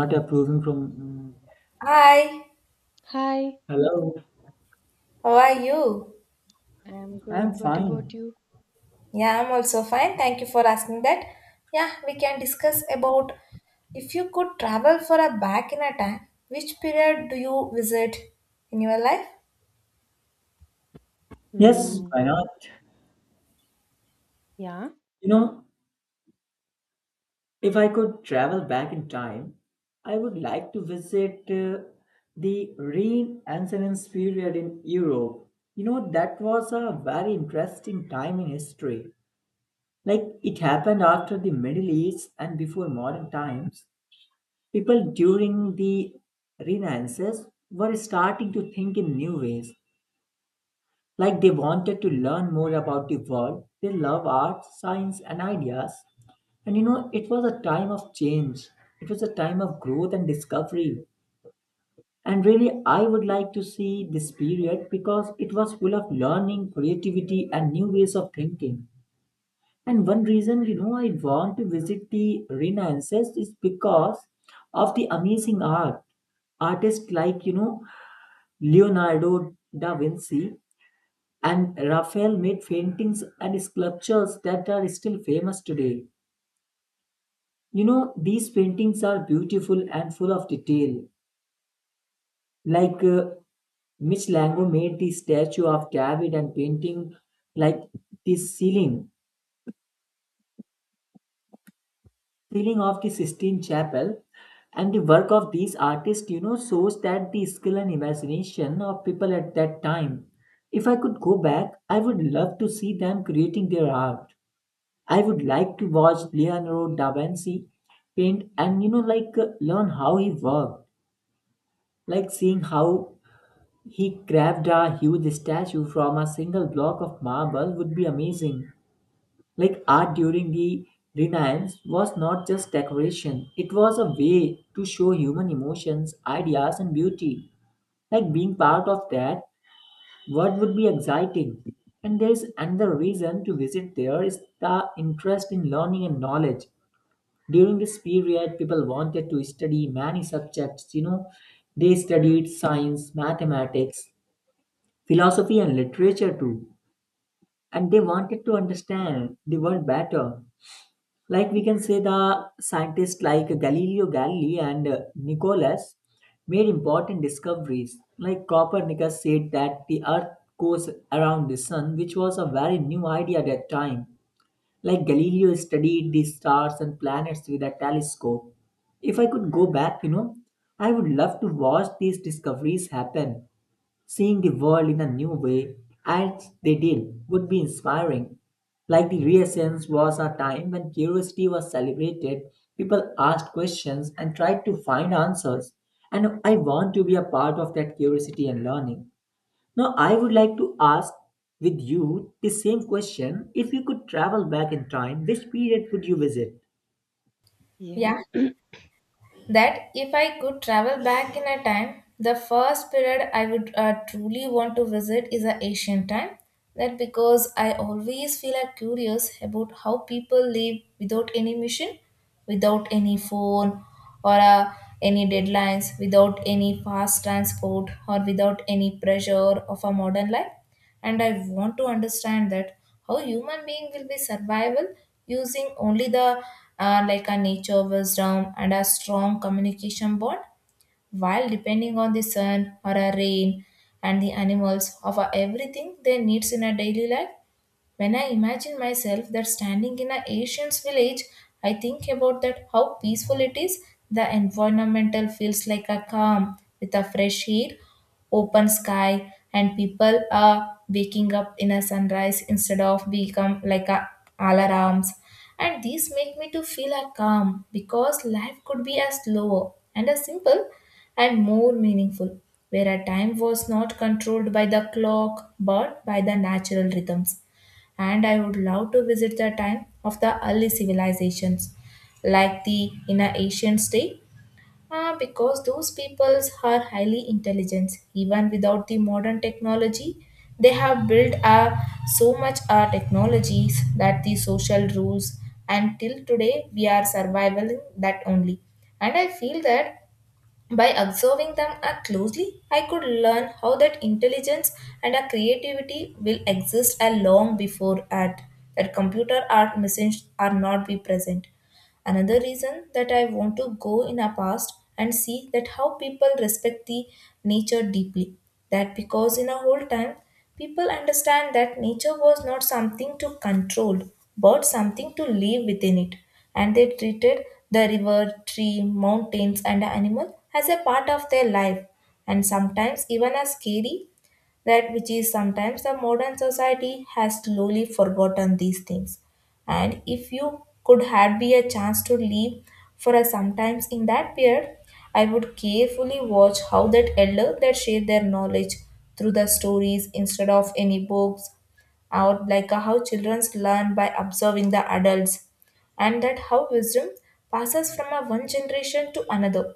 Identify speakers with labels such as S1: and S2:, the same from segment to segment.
S1: Not approving from. mm,
S2: Hi,
S3: Hi,
S1: Hello,
S2: how are you?
S3: I'm
S1: I'm
S3: good. What about
S1: fine.
S3: you?
S2: Yeah, I'm also fine. Thank you for asking that. Yeah, we can discuss about if you could travel for a back in a time, which period do you visit in your life?
S1: Yes,
S3: Hmm.
S1: why not?
S3: Yeah.
S1: You know, if I could travel back in time, I would like to visit the Renaissance and Renaissance period in Europe. You know, that was a very interesting time in history. Like, it happened after the Middle East and before modern times. People during the Renaissance were starting to think in new ways. Like they wanted to learn more about the world. They love art, science, and ideas. And you know, it was a time of change. It was a time of growth and discovery. And really, I would like to see this period because it was full of learning, creativity, and new ways of thinking. And one reason, you know, I want to visit the Renaissance is because of the amazing art artists like Leonardo da Vinci and Raphael made paintings and sculptures that are still famous today. You know, these paintings are beautiful and full of detail. Like Michelangelo made the statue of David and painting like the ceiling of the Sistine Chapel. And the work of these artists, you know, shows that the skill and imagination of people at that time. If I could go back, I would love to see them creating their art. I would like to watch Leonardo da Vinci paint and learn how he worked, like seeing how he carved a huge statue from a single block of marble would be amazing. Like art during the Renaissance was not just decoration; it was a way to show human emotions, ideas, and beauty. Like being part of that, what would be exciting? And there is another reason to visit, there is the interest in learning and knowledge. During this period, people wanted to study many subjects. You know, they studied science, mathematics, philosophy, and literature too. And they wanted to understand the world better. Like we can say, the scientists like Galileo Galilei and Nicholas made important discoveries. Like Copernicus said that the Earth goes around the Sun, which was a very new idea at that time. Like Galileo studied the stars and planets with a telescope. If I could go back, you know, I would love to watch these discoveries happen. Seeing the world in a new way, as they did, would be inspiring. Like the Renaissance was a time when curiosity was celebrated, people asked questions and tried to find answers. And I want to be a part of that curiosity and learning. Now, I would like to ask with you the same question. If you could travel back in time, which period would you visit?
S3: Yeah.
S2: Yeah, that if I could travel back in a time, the first period I would truly want to visit is the ancient time. That because I always feel curious about how people live without any mission, without any phone or any deadlines, without any fast transport or without any pressure of a modern life, and I want to understand that how human being will be survival using only the like a nature wisdom and a strong communication bond while depending on the sun or a rain and the animals of a everything they needs in a daily life. When I imagine myself that standing in an Asian's village, I think about that how peaceful it is. The environmental feels like a calm with a fresh air, open sky, and people are waking up in a sunrise instead of become like a alarms. And these make me to feel a calm because life could be as slower and as simple and more meaningful, where a time was not controlled by the clock but by the natural rhythms, and I would love to visit the time of the early civilizations like the inner Asian state, because those peoples are highly intelligent even without the modern technology. They have built so much technologies that the social rules, and till today we are surviving that only, and I feel that by observing them closely, I could learn how that intelligence and a creativity will exist a long before at that computer art machines are not be present. Another reason that I want to go in a past and see that how people respect the nature deeply. That because in a whole time, people understand that nature was not something to control, but something to live within it. And they treated the river, tree, mountains, and animal as a part of their life, and sometimes even as scary, that which is sometimes the modern society has slowly forgotten these things. And if you could had be a chance to live for a sometimes in that period, I would carefully watch how that elder that share their knowledge through the stories instead of any books, or like how children learn by observing the adults, and that how wisdom passes from a one generation to another,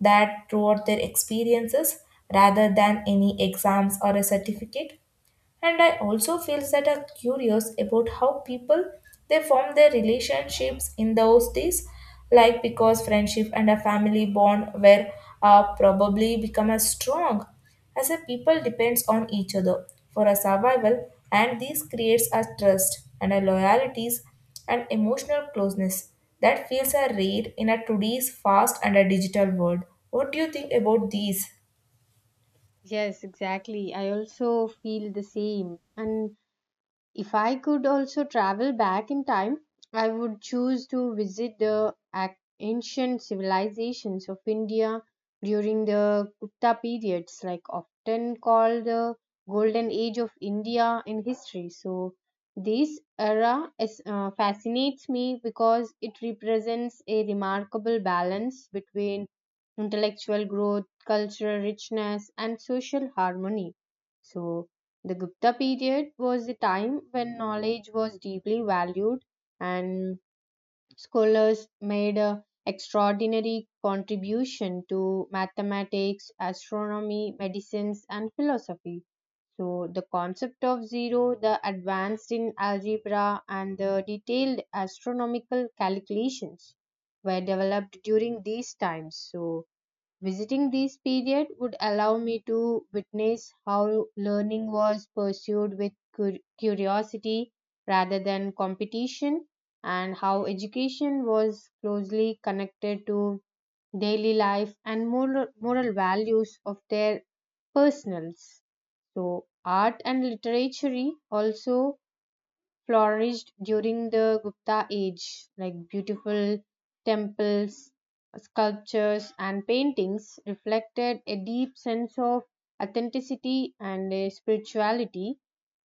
S2: that throughout their experiences rather than any exams or a certificate. And I also feel that are curious about how people they form their relationships in those days, like because friendship and a family bond were probably become as strong as a people depends on each other for a survival, and this creates a trust and a loyalties and emotional closeness that feels a rare in a today's fast and a digital world. What do you think about these?
S3: Yes, exactly. I also feel the same. And if I could also travel back in time, I would choose to visit the ancient civilizations of India during the Gupta periods, like often called the golden age of India in history. So this era is, fascinates me because it represents a remarkable balance between intellectual growth, cultural richness, and social harmony. So the Gupta period was the time when knowledge was deeply valued, and scholars made a extraordinary contribution to mathematics, astronomy, medicines and philosophy. So the concept of zero, the advanced in algebra and the detailed astronomical calculations were developed during these times. So visiting this period would allow me to witness how learning was pursued with curiosity rather than competition, and how education was closely connected to daily life and moral values of their personals. So art and literature also flourished during the Gupta age, like beautiful temples, sculptures, and paintings reflected a deep sense of authenticity and a spirituality,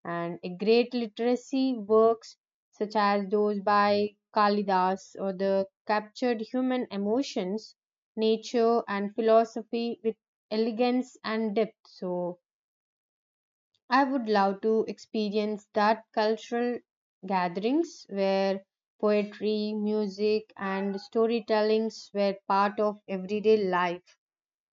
S3: and a great literacy works such as those by Kalidas or the captured human emotions, nature, and philosophy with elegance and depth. So I would love to experience that cultural gatherings where poetry, music, and storytellings were part of everyday life.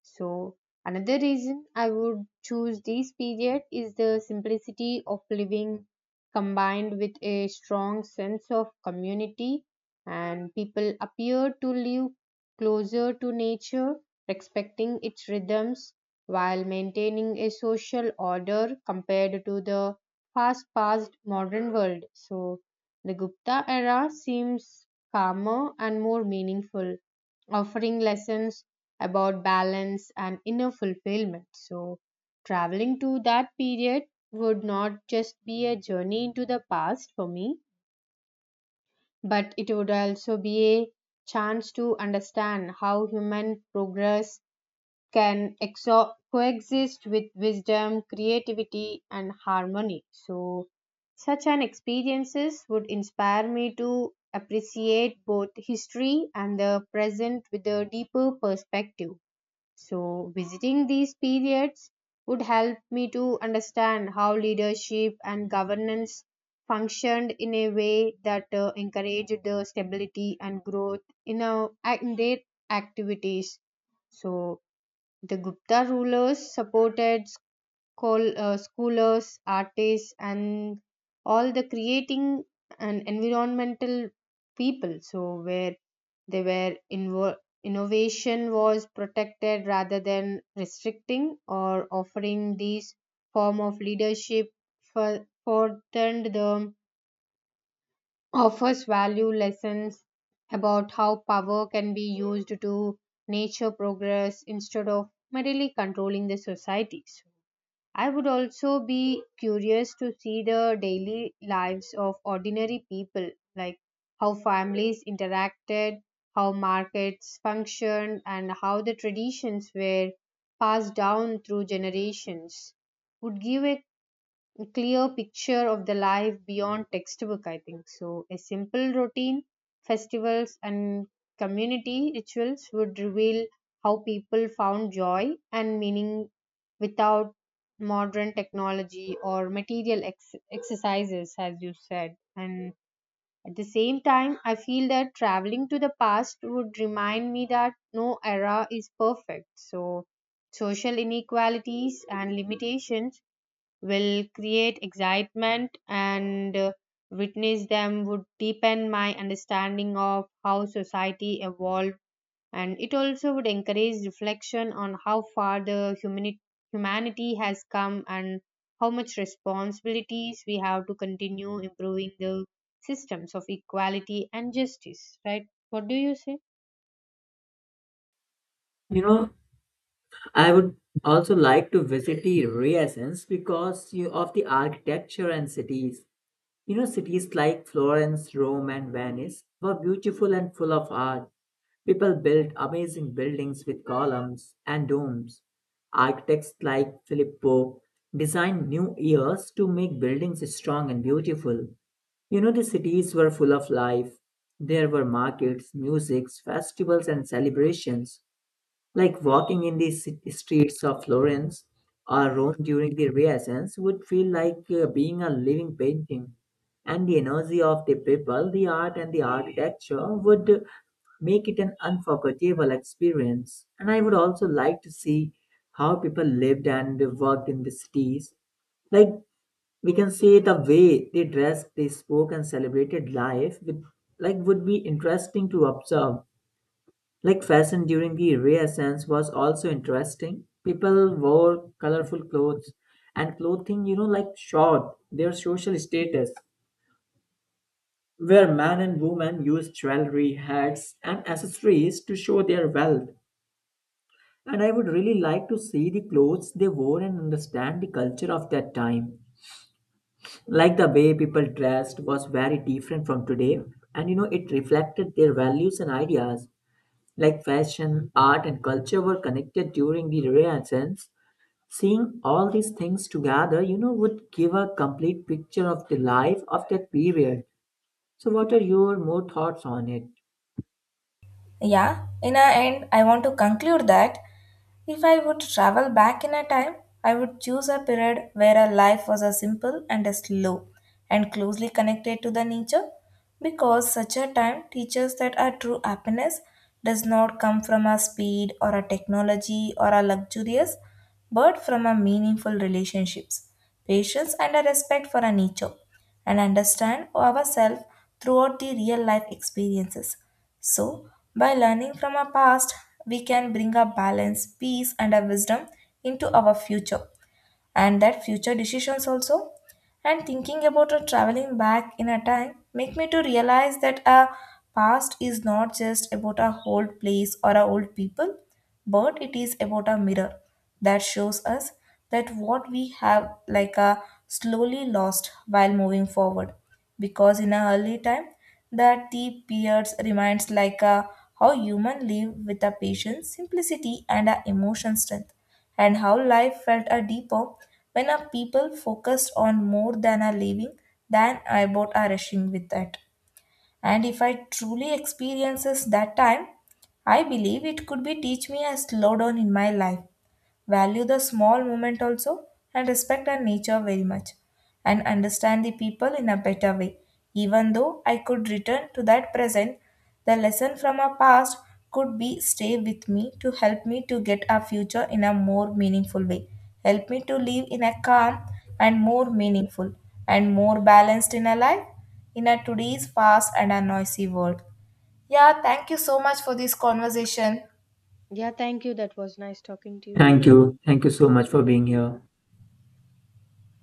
S3: So another reason I would choose this period is the simplicity of living combined with a strong sense of community, and people appear to live closer to nature, respecting its rhythms while maintaining a social order compared to the fast paced modern world. So the Gupta era seems calmer and more meaningful, offering lessons about balance and inner fulfillment. So traveling to that period would not just be a journey into the past for me, but it would also be a chance to understand how human progress can coexist with wisdom, creativity, and harmony. So such an experiences would inspire me to appreciate both history and the present with a deeper perspective. So visiting these periods would help me to understand how leadership and governance functioned in a way that encouraged the stability and growth in, a, in their activities. So the Gupta rulers supported scholars, artists, and all the creating and environmental people. So where they were innovation was protected rather than restricting or offering these form of leadership for furthered the offers value lessons about how power can be used to nature progress instead of merely controlling the society. So I would also be curious to see the daily lives of ordinary people, like how families interacted, how markets functioned, and how the traditions were passed down through generations. Would give a clear picture of the life beyond textbook, I think. So a simple routine, festivals and community rituals would reveal how people found joy and meaning without modern technology or material exercises, as you said. And at the same time, I feel that traveling to the past would remind me that no era is perfect. So social inequalities and limitations will create excitement, and witness them would deepen my understanding of how society evolved, and it also would encourage reflection on how far the humanity has come and how much responsibilities we have to continue improving the systems of equality and justice. Right, what do you say?
S1: You know, I would also like to visit the Renaissance because you, of the architecture and cities. You know, cities like Florence, Rome, and Venice were beautiful and full of art. People built amazing buildings with columns and domes. Architects like Philip Pope designed new years to make buildings strong and beautiful. You know, the cities were full of life. There were markets, musics, festivals, and celebrations. Like walking in the streets of Florence or Rome during the Renaissance would feel like being a living painting. And the energy of the people, the art, and the architecture would make it an unforgettable experience. And I would also like to see how people lived and worked in the cities. Like we can say the way they dressed, they spoke, and celebrated life with like would be interesting to observe. Like fashion during the Renaissance was also interesting. People wore colorful clothes and clothing, you know, like showed their social status, where men and women used jewelry, hats, and accessories to show their wealth. And I would really like to see the clothes they wore and understand the culture of that time. Like the way people dressed was very different from today, and you know, it reflected their values and ideas. Like fashion, art, and culture were connected during the Renaissance, seeing all these things together, you know, would give a complete picture of the life of that period. So, what are your more thoughts on it?
S2: Yeah, in a end, I want to conclude that if I would travel back in a time, I would choose a period where a life was a simple and a slow and closely connected to the nature, because such a time teaches that our true happiness does not come from a speed or a technology or a luxurious but from a meaningful relationships, patience, and a respect for our nature, and understand ourselves throughout the real life experiences. So, by learning from our past, we can bring a balance, peace, and a wisdom into our future and that future decisions also. And thinking about a traveling back in a time make me to realize that a past is not just about a old place or a old people, but it is about a mirror that shows us that what we have like a slowly lost while moving forward, because in a early time that the peers reminds like a how human live with a patience simplicity and a emotion strength, and how life felt a deeper when our people focused on more than our living than about our rushing with that. And if I truly experiences that time, I believe it could be teach me a slowdown in my life, value the small moment also, and respect our nature very much, and understand the people in a better way. Even though I could return to that present, the lesson from our past could be stay with me to help me to get our future in a more meaningful way. Help me to live in a calm and more meaningful and more balanced in a life in a today's fast and a noisy world. Yeah, thank you so much for this conversation.
S3: Yeah, thank you. That was nice talking to you.
S1: Thank you. Thank you so much for being here.